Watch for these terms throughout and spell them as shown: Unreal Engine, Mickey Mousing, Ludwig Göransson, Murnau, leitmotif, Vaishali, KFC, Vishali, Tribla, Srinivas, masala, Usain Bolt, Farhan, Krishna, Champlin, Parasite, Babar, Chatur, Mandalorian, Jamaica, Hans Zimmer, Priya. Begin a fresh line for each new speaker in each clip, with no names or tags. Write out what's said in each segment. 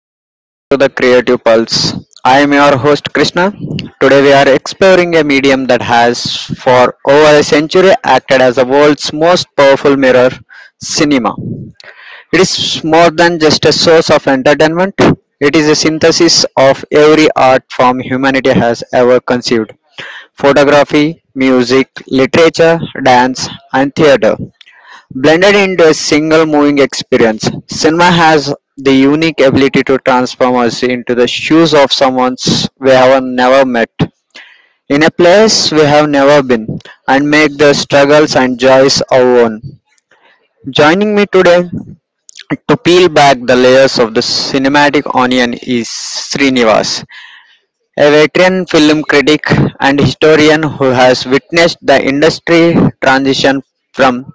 Welcome back to the Creative Pulse. I am your host Krishna. Today we are exploring a medium that has for over a century acted as the world's most powerful mirror, cinema. It is more than just a source of entertainment. It is a synthesis of every art form humanity has ever conceived. Photography, music, literature, dance, and theater. Blended into a single moving experience, cinema has the unique ability to transform us into the shoes of someone we have never met, in a place we have never been, and make the struggles and joys our own. Joining me today to peel back the layers of the cinematic onion is Srinivas, a veteran film critic and historian who has witnessed the industry transition from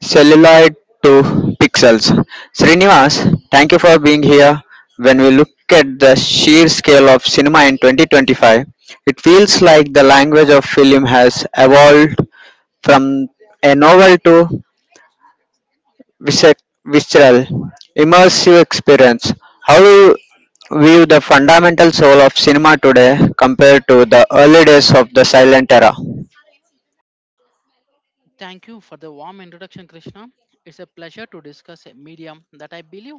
celluloid to pixels. Srinivas, thank you for being here. When we look at the sheer scale of cinema in 2025, it feels like the language of film has evolved from a novel to visce- visceral, immersive experience. How do you view the fundamental soul of cinema today compared to the early days of the silent era?
Thank you for the warm introduction, Krishna. It's a pleasure to discuss a medium that I believe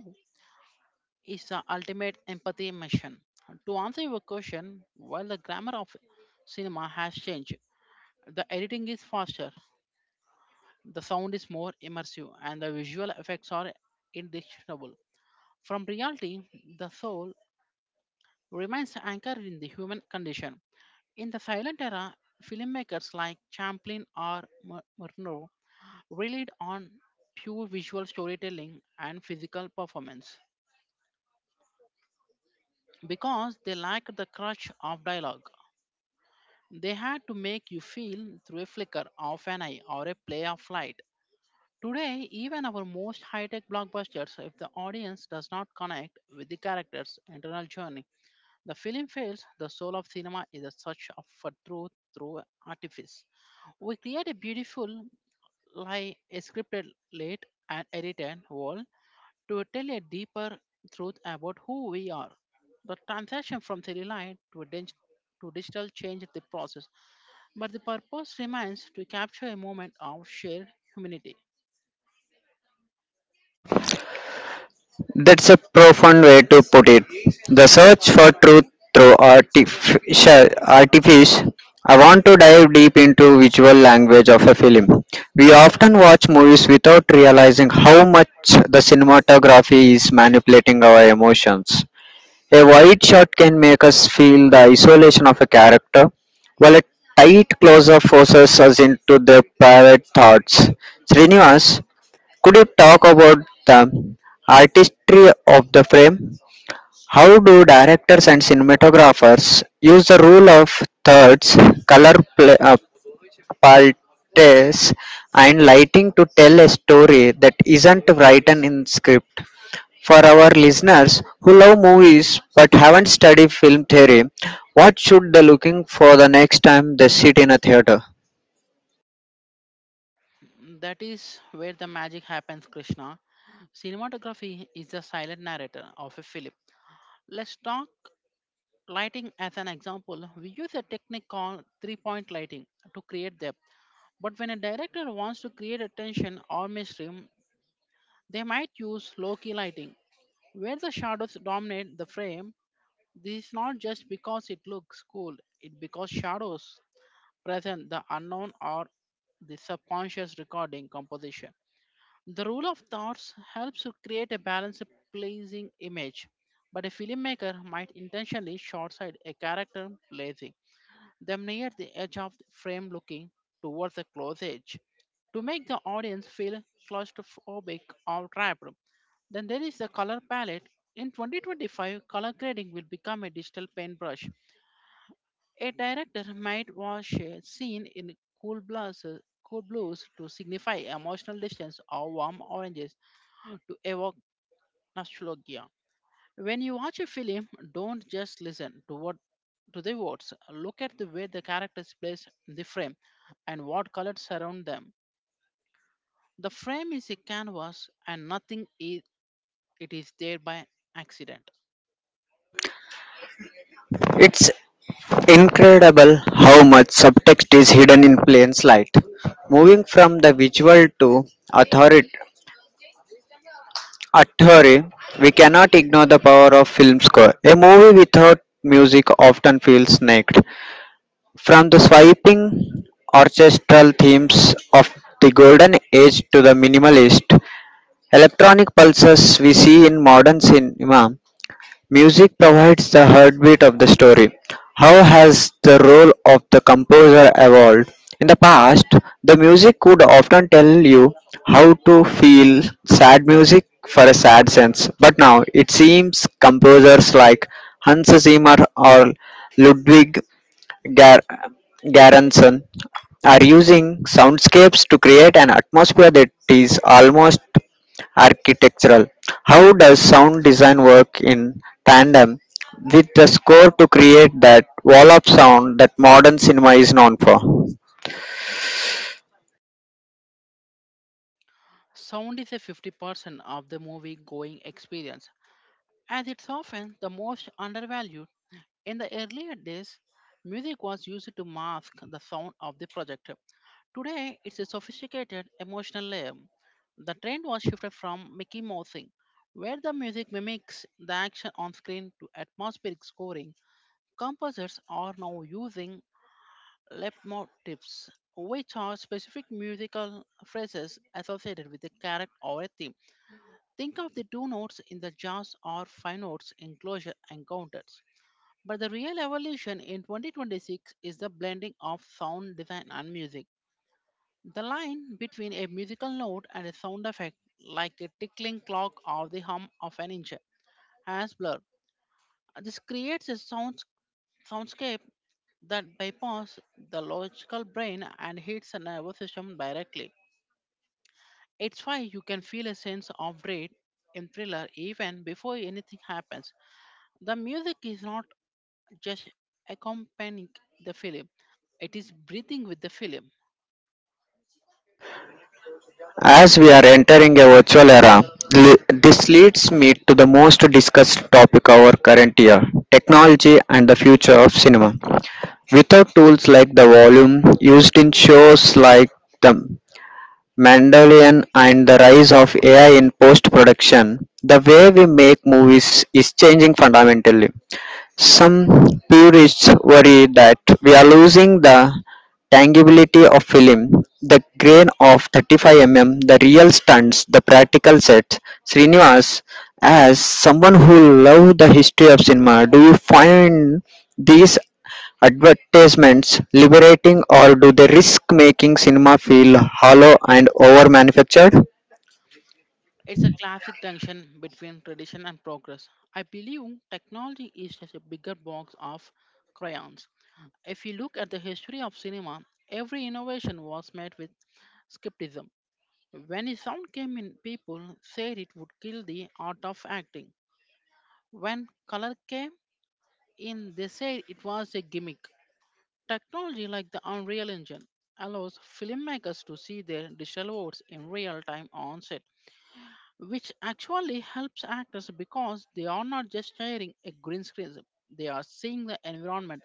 is the ultimate empathy mission. To answer your question, while the grammar of cinema has changed, the editing is faster, the sound is more immersive, and the visual effects are indistinguishable from reality, the soul remains anchored in the human condition. In the silent era, filmmakers like Champlin or Murnau relied on pure visual storytelling and physical performance because they lacked the crutch of dialogue. They had to make you feel through a flicker of an eye or a play of light. Today, even our most high tech blockbusters, if the audience does not connect with the character's internal journey, the film fails. The soul of cinema is a for truth through artifice. We create a beautiful, lie, a scripted, late, and edited world to tell a deeper truth about who we are. The transition from theory line to digital changed the process, but the purpose remains to capture a moment of shared humanity.
That's a profound way to put it. The search for truth through artificial artifice. I want to dive deep into visual language of a film. We often watch movies without realizing how much the cinematography is manipulating our emotions. A wide shot can make us feel the isolation of a character, while a tight close-up forces us into their private thoughts. Srinivas, could you talk about the artistry of the frame? How do directors and cinematographers use the rule of thirds, color pla- uh, palettes, and lighting to tell a story that isn't written in script? For our listeners who love movies but haven't studied film theory, what should they looking for the next time they sit in a theater?
That is where the magic happens, Krishna. Cinematography is the silent narrator of a film. Let's talk lighting as an example. We use a technique called 3 point lighting to create depth, but when a director wants to create attention or mystery, they might use low key lighting when the shadows dominate the frame. This is not just because it looks cool, it because shadows present the unknown or the subconscious recording composition. The rule of thoughts helps to create a balanced, pleasing image, but a filmmaker might intentionally short-sight a character blazing them near the edge of the frame looking towards the close edge to make the audience feel claustrophobic or trapped. Then there is the color palette. In 2025, color grading will become a digital paintbrush. A director might wash a scene in cool blues, cool blues to signify emotional distance or warm oranges to evoke nostalgia. When you watch a film, don't just listen to what to the words. Look at the way the characters place the frame and what colors surround them. The frame is a canvas and nothing is it is there by accident.
It's incredible how much subtext is hidden in plain sight. Moving from the visual to authority, authority, we cannot ignore the power of film score. A movie without music often feels naked. From the swiping orchestral themes of the golden age to the minimalist electronic pulses we see in modern cinema, music provides the heartbeat of the story. How has the role of the composer evolved? In the past, the music could often tell you how to feel sad music for a sad sense, but now it seems composers like Hans Zimmer or Ludwig Gar- Göransson are using soundscapes to create an atmosphere that is almost architectural. How does sound design work in tandem with the score to create that wall of sound that modern cinema is known for?
Sound is a 50% of the movie going experience as it's often the most undervalued. In the earlier days, music was used to mask the sound of the projector. Today, it's a sophisticated emotional layer. The trend was shifted from Mickey Mousing, where the music mimics the action on screen, to atmospheric scoring. Composers are now using leitmotifs, which are specific musical phrases associated with a character or a theme. Think of the two notes in the jazz or five notes in closure encounters. But the real evolution in 2026 is the blending of sound design and music. The line between a musical note and a sound effect, like a tickling clock or the hum of an engine, has blurred. This creates a soundscape that bypasses the logical brain and hits the nervous system directly. It's why you can feel a sense of dread in thriller even before anything happens. The music is not just accompanying the film. It is breathing with the film.
As we are entering a virtual era, this leads me to the most discussed topic of our current year, technology and the future of cinema. Without tools like the volume used in shows like the. Mandalorian and the rise of AI in post production, the way we make movies is changing fundamentally. Some purists worry that we are losing the tangibility of film, the grain of 35 mm, the real stunts, the practical sets. Srinivas, as someone who loves the history of cinema, do you find these advertisements liberating or do they risk making cinema feel hollow and over manufactured?
It's a classic tension between tradition and progress. I believe technology is just a bigger box of crayons. If you look at the history of cinema, every innovation was met with skepticism. When a sound came in, people said it would kill the art of acting. When color came in, they said it was a gimmick. Technology like the Unreal Engine allows filmmakers to see their digital works in real time on set, which actually helps actors because they are not just sharing a green screen, they are seeing the environment.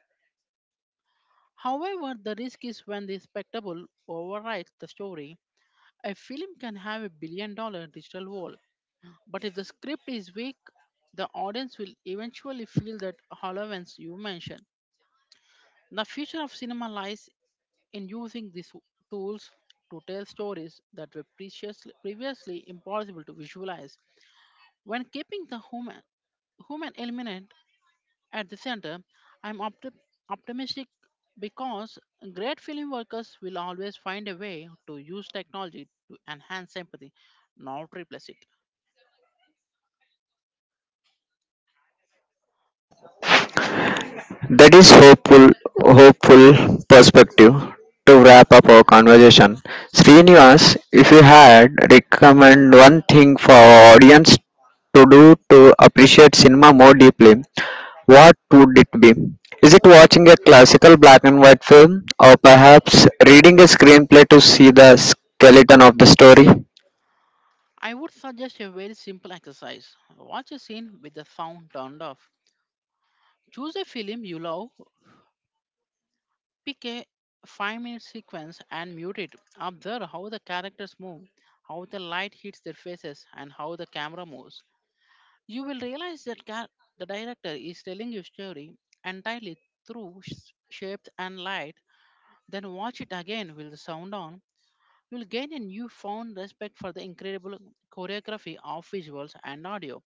However, the risk is when the spectacle overrides the story. A film can have a billion dollar digital world, but if the script is weak, the audience will eventually feel that hollowness you mentioned. The future of cinema lies in using these tools to tell stories that were previously impossible to visualize. When keeping the human element at the center, I'm opti- optimistic because great film workers will always find a way to use technology to enhance empathy, not replace it.
That is hopeful perspective. To wrap up our conversation, Srinivas, if you had recommend one thing for our audience to do to appreciate cinema more deeply, what would it be? Is it watching a classical black and white film, or perhaps reading a screenplay to see the skeleton of the story?
I would suggest a very simple exercise. Watch a scene with the sound turned off. Choose a film you love, pick a 5 minute sequence and mute it. Observe how the characters move, how the light hits their faces, and how the camera moves. You will realize that the director is telling your story entirely through shapes and light. Then watch it again with the sound on. You will gain a newfound respect for the incredible choreography of visuals and audio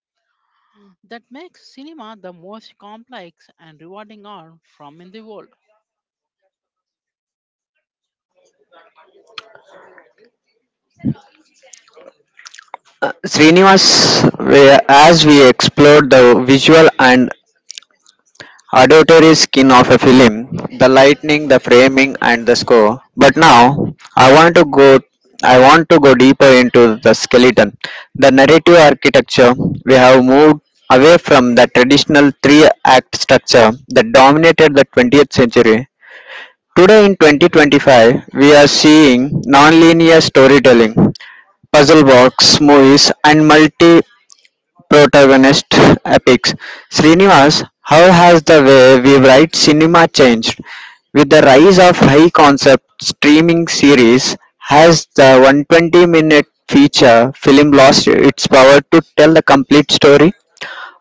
that makes cinema the most complex and rewarding art from in the world.
Srinivas, we- as we explored the visual and auditory skin of a film, the lighting, the framing, and the score. But now, I want to go. I want to go deeper into the skeleton, the narrative architecture. We have moved away from the traditional three-act structure that dominated the 20th century. Today, in 2025, we are seeing nonlinear storytelling, puzzle box movies, and multi protagonist epics. Srinivas, how has the way we write cinema changed? With the rise of high concept streaming series, has the 120-minute feature film lost its power to tell the complete story?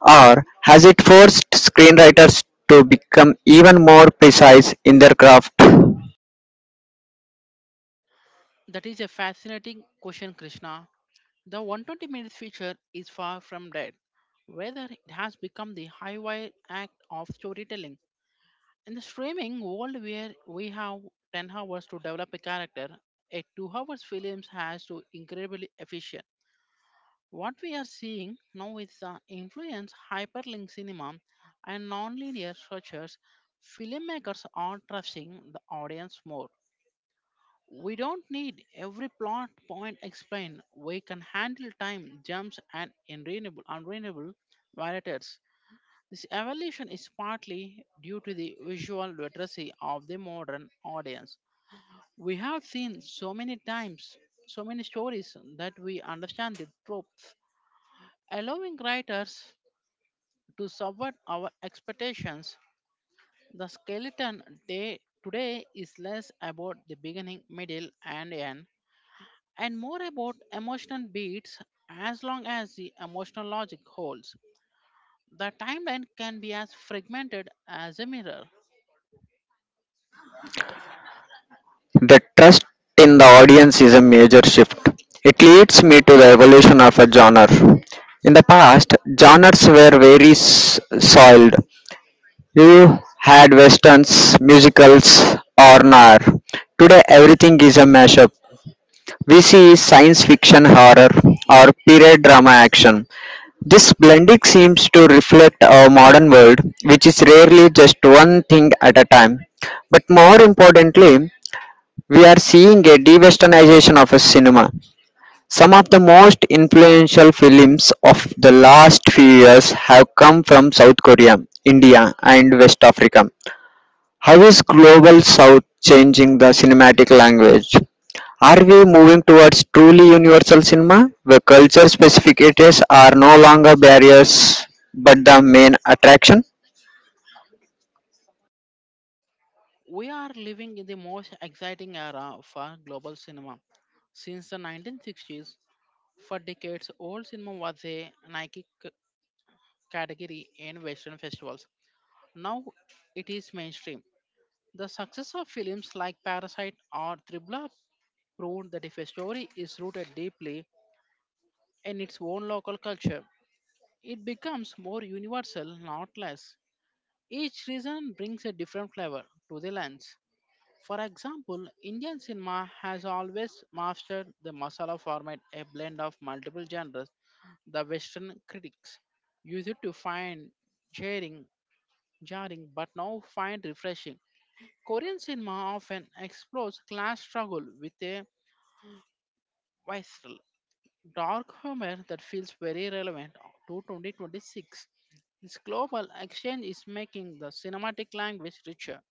Or has it forced screenwriters to become even more precise in their craft?
That is a fascinating question, Krishna. The 120 minutes feature is far from dead, whether it has become the highwire act of storytelling. In the streaming world where we have 10 hours to develop a character, a 2 hours film has to incredibly efficient. What we are seeing now is the influence hyperlink cinema and nonlinear structures. Filmmakers are trusting the audience more. We don't need every plot point explained. We can handle time jumps and unreliable violators. This evolution is partly due to the visual literacy of the modern audience. We have seen so many times, so many stories that we understand the tropes, allowing writers to subvert our expectations. The skeleton day today is less about the beginning, middle, and end and more about emotional beats as long as the emotional logic holds. The timeline can be as fragmented as a mirror.
The trust in the audience is a major shift. It leads me to the evolution of a genre. In the past, genres were very soiled. You had westerns, musicals, or noir. Today, everything is a mashup. We see science fiction horror or period drama action. This blending seems to reflect our modern world, which is rarely just one thing at a time. But more importantly, we are seeing a de-westernization of a cinema. Some of the most influential films of the last few years have come from South Korea, India, and West Africa. How is Global South changing the cinematic language? Are we moving towards truly universal cinema, where culture specificities are no longer barriers but the main attraction?
We are living in the most exciting era for global cinema. Since the 1960s, for decades, old cinema was a category in Western festivals. Now it is mainstream. The success of films like Parasite or Tribla proved that if a story is rooted deeply in its own local culture, it becomes more universal, not less. Each region brings a different flavor to the lunch. For example, Indian cinema has always mastered the masala format, a blend of multiple genres. The Western critics used to find jarring, jarring, but now find refreshing. Korean cinema often explores class struggle with a visceral dark humor that feels very relevant to 2026. This global exchange is making the cinematic language richer.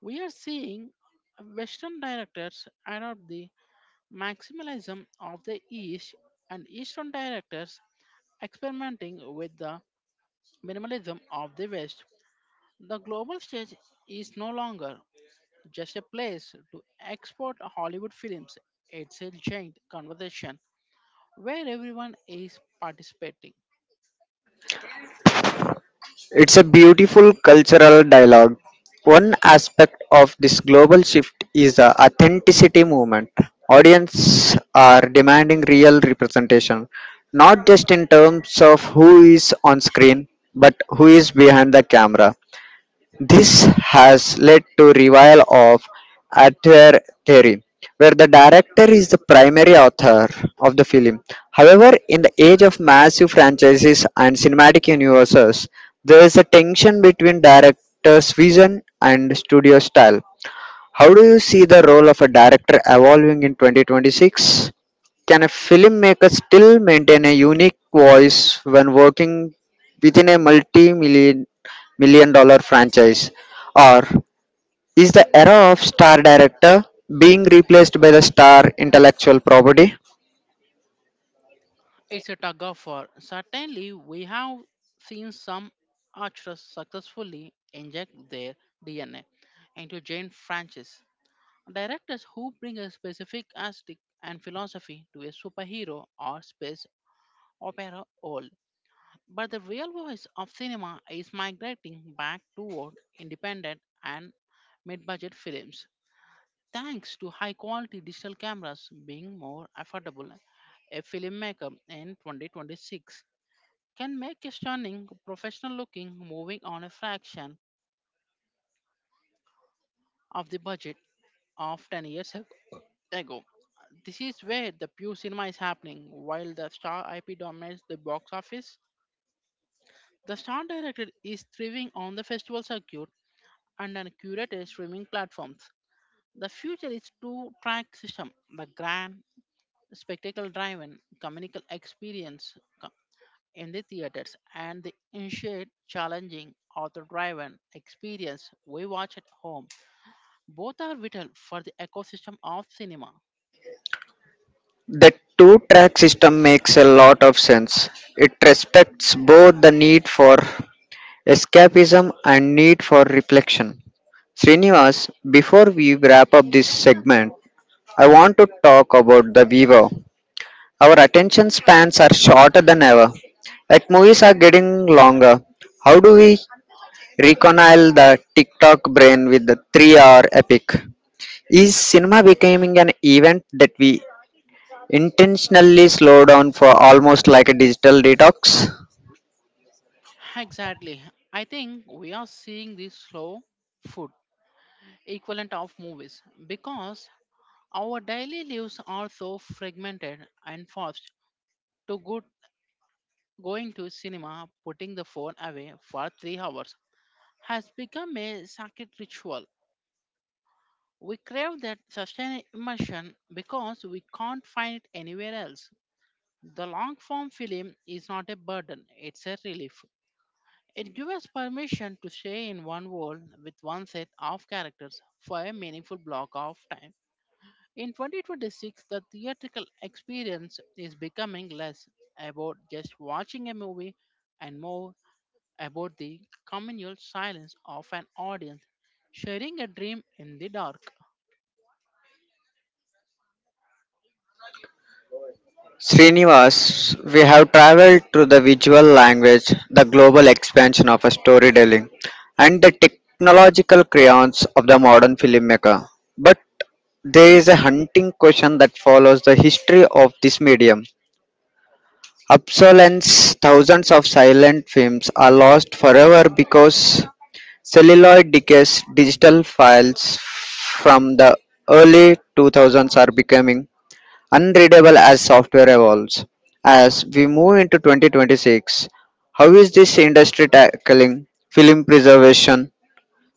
We are seeing Western directors adopt the maximalism of the East and Eastern directors experimenting with the minimalism of the West. The global stage is no longer just a place to export Hollywood films, it's a giant conversation where everyone is participating.
It's a beautiful cultural dialogue. One aspect of this global shift is the authenticity movement. Audiences are demanding real representation, not just in terms of who is on screen, but who is behind the camera. This has led to revival of auteur theory, where the director is the primary author of the film. However, in the age of massive franchises and cinematic universes, there is a tension between director's vision and studio style. How do you see the role of a director evolving in 2026? Can a filmmaker still maintain a unique voice when working within a multi-million million dollar franchise? Or is the era of star director being replaced by the star intellectual property?
It's a tug of war. Certainly, we have seen some archers successfully inject their DNA into giant franchises. Directors who bring a specific aesthetic and philosophy to a superhero or space opera all. But the real voice of cinema is migrating back toward independent and mid budget films. Thanks to high quality digital cameras being more affordable, a filmmaker in 2026 can make a stunning, professional looking moving on a fraction of the budget of ago. This is where the pure cinema is happening. While the star IP dominates the box office, the star director is thriving on the festival circuit and on curated streaming platforms. The future is two track system, the grand, spectacle driven, communal experience in the theaters and the initiate challenging author driven experience we watch at home. Both are vital for the ecosystem of cinema.
The two track system makes a lot of sense. It respects both the need for escapism and need for reflection. Srinivas, before we wrap up this segment, I want to talk about the viewer. Our attention spans are shorter than ever. Yet movies are getting longer. How do we reconcile the TikTok brain with the three-hour epic? Is cinema becoming an event that we intentionally slow down for almost like a digital detox?
Exactly. I think we are seeing the slow food equivalent of movies because our daily lives are so fragmented and fast. To good going to cinema, putting the phone away for 3 hours has become a sacred ritual. We crave that sustained immersion because we can't find it anywhere else. The long form film is not a burden, it's a relief. It gives us permission to stay in one world with one set of characters for a meaningful block of time. In 2026, the theatrical experience is becoming less about just watching a movie and more about the communal silence of an audience sharing a dream in the dark.
Srinivas, we have traveled through the visual language, the global expansion of storytelling, and the technological crayons of the modern filmmaker. But there is a hunting question that follows the history of this medium. Obsolescence, thousands of silent films are lost forever because celluloid decays, digital files from the early 2000s are becoming unreadable as software evolves. As we move into 2026, how is this industry tackling film preservation?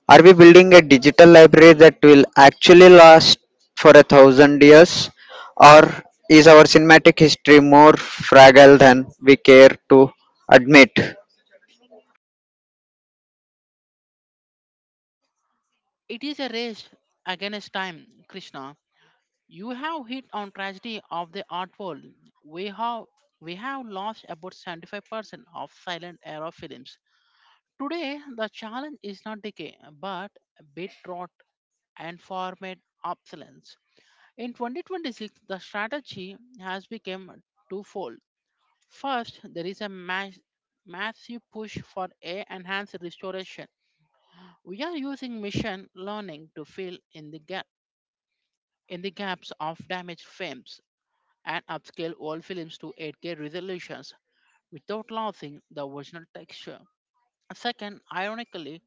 Are we building a digital library that will actually last for a thousand years? Or is our cinematic history more fragile than we care to admit?
It is a race against time, Krishna. You have hit on tragedy of the art world. We have we have lost about 75% of silent era films. Today, the challenge is not decay, but bit rot and format obsolescence. In 2026, the strategy has become twofold. First, there is a massive push for a enhanced restoration. We are using machine learning to fill in the gaps in the gaps of damaged films and upscale old films to 8K resolutions without losing the original texture. Second, ironically,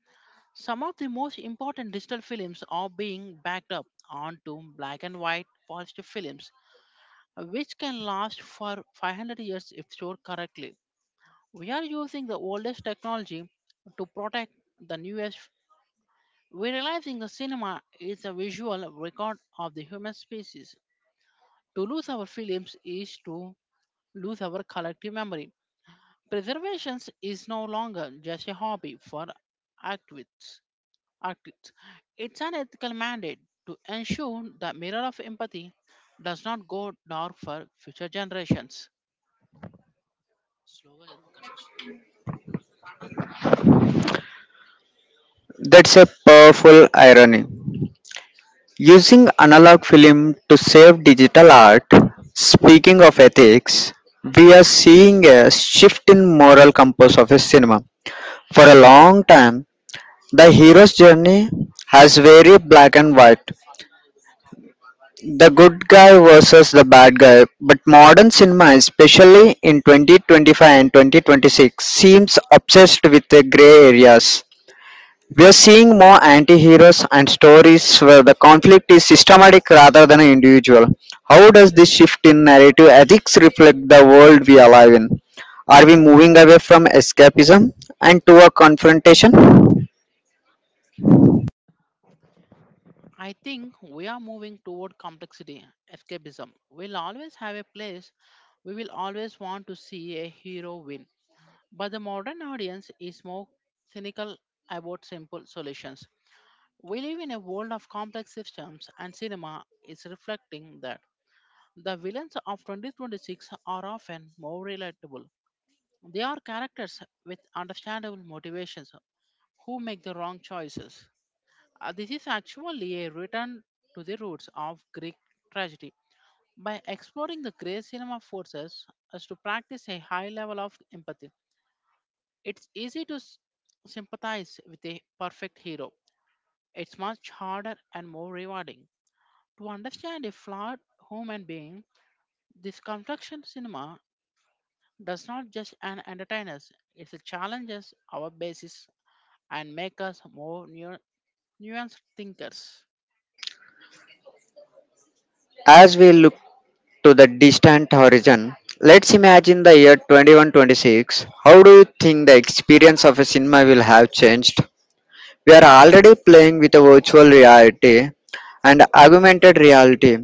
some of the most important digital films are being backed up onto black and white positive films, which can last for 500 years if stored correctly. We are using the oldest technology to protect the newest. We're realizing the cinema is a visual record of the human species. To lose our films is to lose our collective memory. Preservation is no longer just a hobby for activists. activists. It's an ethical mandate to ensure the mirror of empathy does not go dark for future generations.
That's a powerful irony. Using analog film to save digital art, speaking of ethics, we are seeing a shift in moral compass of a cinema. For a long time, the hero's journey has very black and white. The good guy versus the bad guy, but modern cinema, especially in 2025 and 2026, seems obsessed with the gray areas. We are seeing more anti-heroes and stories where the conflict is systematic rather than individual. How does this shift in narrative ethics reflect the world we alive in? Are we moving away from escapism and to a confrontation?
I think we are moving toward complexity, escapism. We'll always have a place, we will always want to see a hero win. But the modern audience is more cynical about simple solutions. We live in a world of complex systems, and cinema is reflecting that. The villains of 2026 are often more relatable. They are characters with understandable motivations who make the wrong choices. This is actually a return to the roots of Greek tragedy. By exploring the grey, cinema forces us to practice a high level of empathy. It's easy to sympathize with a perfect hero. It's much harder and more rewarding to understand a flawed human being. This construction cinema does not just an entertain us, it challenges our basis and make us more nuanced thinkers.
As we look to the distant horizon, let's imagine the year 2126. How do you think the experience of a cinema will have changed? We are already playing with a virtual reality and augmented reality.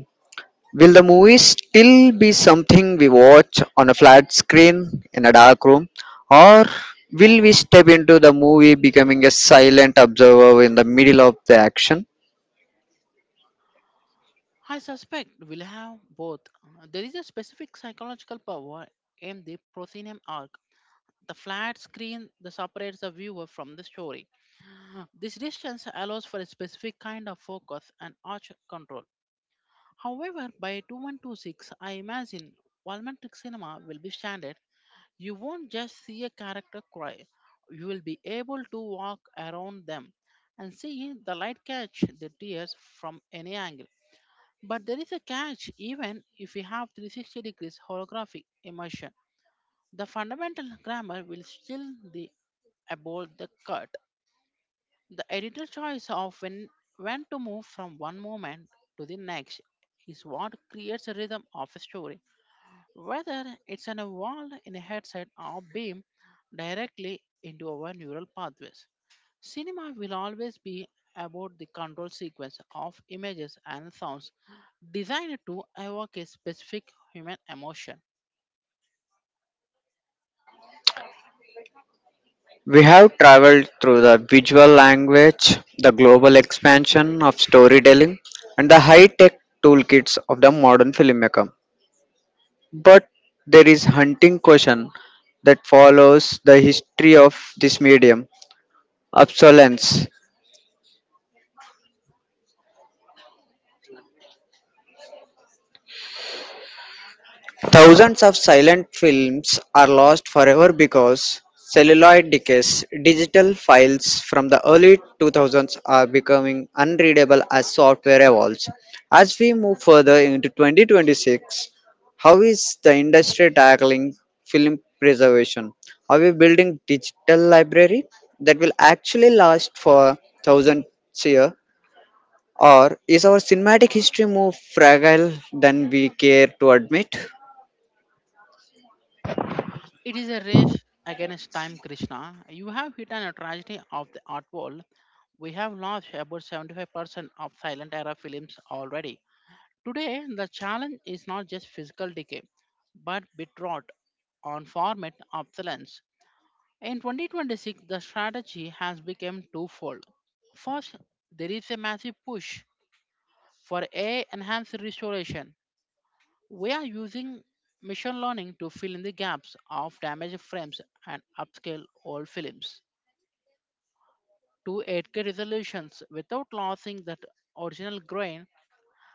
Will the movie still be something we watch on a flat screen in a dark room, or will we step into the movie becoming a silent observer in the middle of the action?
I suspect we'll have both. There is a specific psychological power in the proscenium arc. The flat screen that separates the viewer from the story. This distance allows for a specific kind of focus and arch control. However, by 2126, I imagine Walmantic cinema will be standard. You won't just see a character cry, you will be able to walk around them and see the light catch the tears from any angle. But there is a catch even if we have 360 degrees holographic immersion. The fundamental grammar will still be above the cut. The editor choice of when to move from one moment to the next is what creates a rhythm of a story, whether it's an wall in a headset or beam directly into our neural pathways. Cinema will always be about the control sequence of images and sounds designed to evoke a specific human emotion.
We have traveled through the visual language, the global expansion of storytelling, and the high tech toolkits of the modern filmmaker. But there is hunting question that follows the history of this medium, obsolescence. Thousands of silent films are lost forever because celluloid decays. Digital files from the early 2000s are becoming unreadable as software evolves. As we move further into 2026, how is the industry tackling film preservation? Are we building digital library that will actually last for thousands years? Or is our cinematic history more fragile than we care to admit?
It is a race against time, Krishna. You have hit on a tragedy of the art world. We have lost about 75% of silent era films already. Today, the challenge is not just physical decay, but bit rot on format obsolescence. In 2026, the strategy has become twofold. First, there is a massive push for AI enhanced restoration. We are using machine learning to fill in the gaps of damaged frames and upscale old films to 8K resolutions without losing that original grain.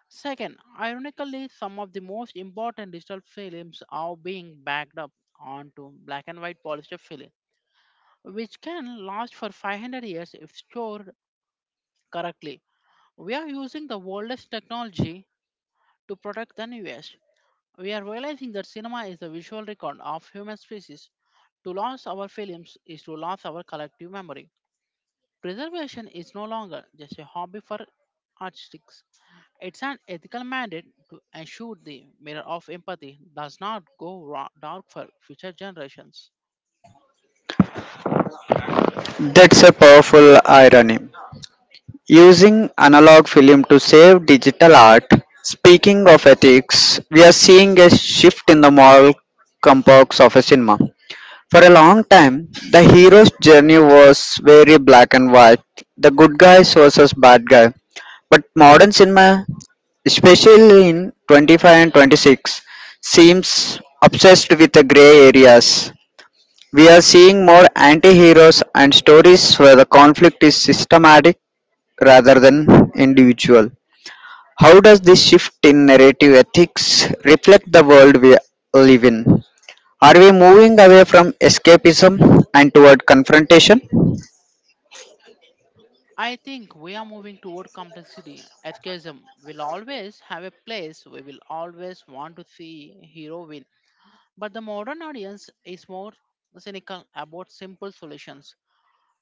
Second, ironically, some of the most important digital films are being backed up onto black and white polyester film, which can last for 500 years if stored correctly. We are using the oldest technology to protect the newest. We are realizing that cinema is the visual record of human species. To lose our films is to lose our collective memory. Preservation is no longer just a hobby for artists. It's an ethical mandate to ensure the mirror of empathy does not go dark for future generations.
That's a powerful irony. Using analog film to save digital art. Speaking of ethics, we are seeing a shift in the moral complex of a cinema. For a long time, the hero's journey was very black and white, the good guys versus bad guy. But modern cinema, especially in 25 and 26, seems obsessed with the gray areas. We are seeing more anti-heroes and stories where the conflict is systematic rather than individual. How does this shift in narrative ethics reflect the world we live in? Are we moving away from escapism and toward confrontation?
I think we are moving toward complexity. Escapism will always have a place. We will always want to see hero win. But the modern audience is more cynical about simple solutions.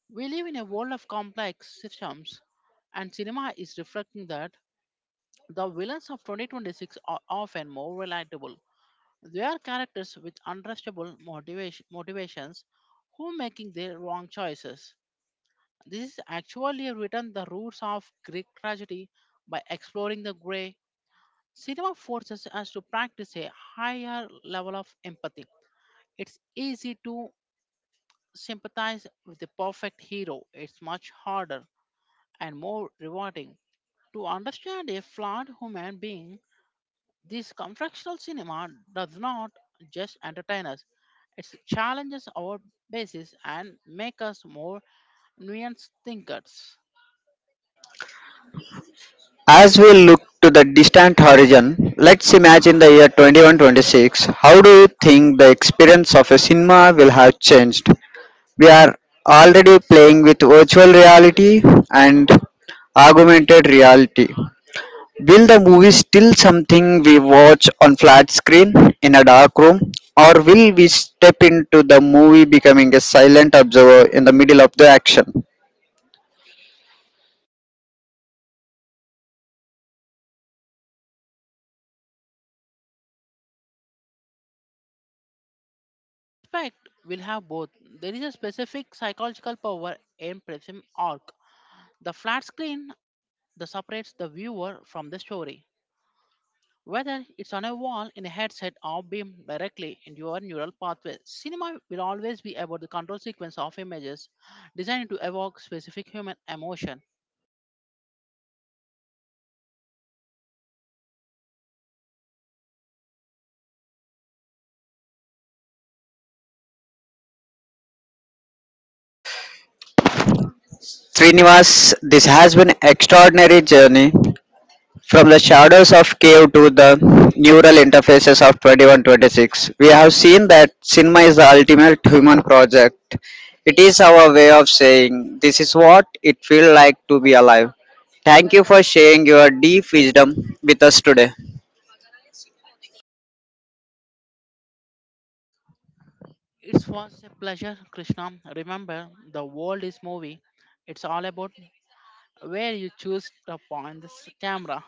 We live in a world of complex systems, and cinema is reflecting that. The villains of 2026 are often more relatable. They are characters with motivations who making their wrong choices. This is actually written the roots of Greek tragedy by exploring the grey. Cinema forces us to practice a higher level of empathy. It's easy to sympathize with the perfect hero. It's much harder and more rewarding to understand a flawed human being. This confrontational cinema does not just entertain us, it challenges our basis and makes us more nuanced thinkers.
As we look to the distant horizon, let's imagine the year 2126. How do you think the experience of a cinema will have changed? We are already playing with virtual reality and augmented reality. Will the movie still something we watch on flat screen in a dark room, or will we step into the movie becoming a silent observer in the middle of the action?
Suspect will have both. There is a specific psychological power in Prism Arc. The flat screen that separates the viewer from the story. Whether it's on a wall, in a headset, or beamed directly into your neural pathway, cinema will always be about the control sequence of images designed to evoke specific human emotion.
Srinivas, this has been extraordinary journey. From the shadows of cave to the neural interfaces of 2126, we have seen that cinema is the ultimate human project. It is our way of saying this is what it feels like to be alive. Thank you for sharing your deep wisdom with us today.
It was a pleasure, Krishna. Remember, the world is movie. It's all about where you choose to point this camera.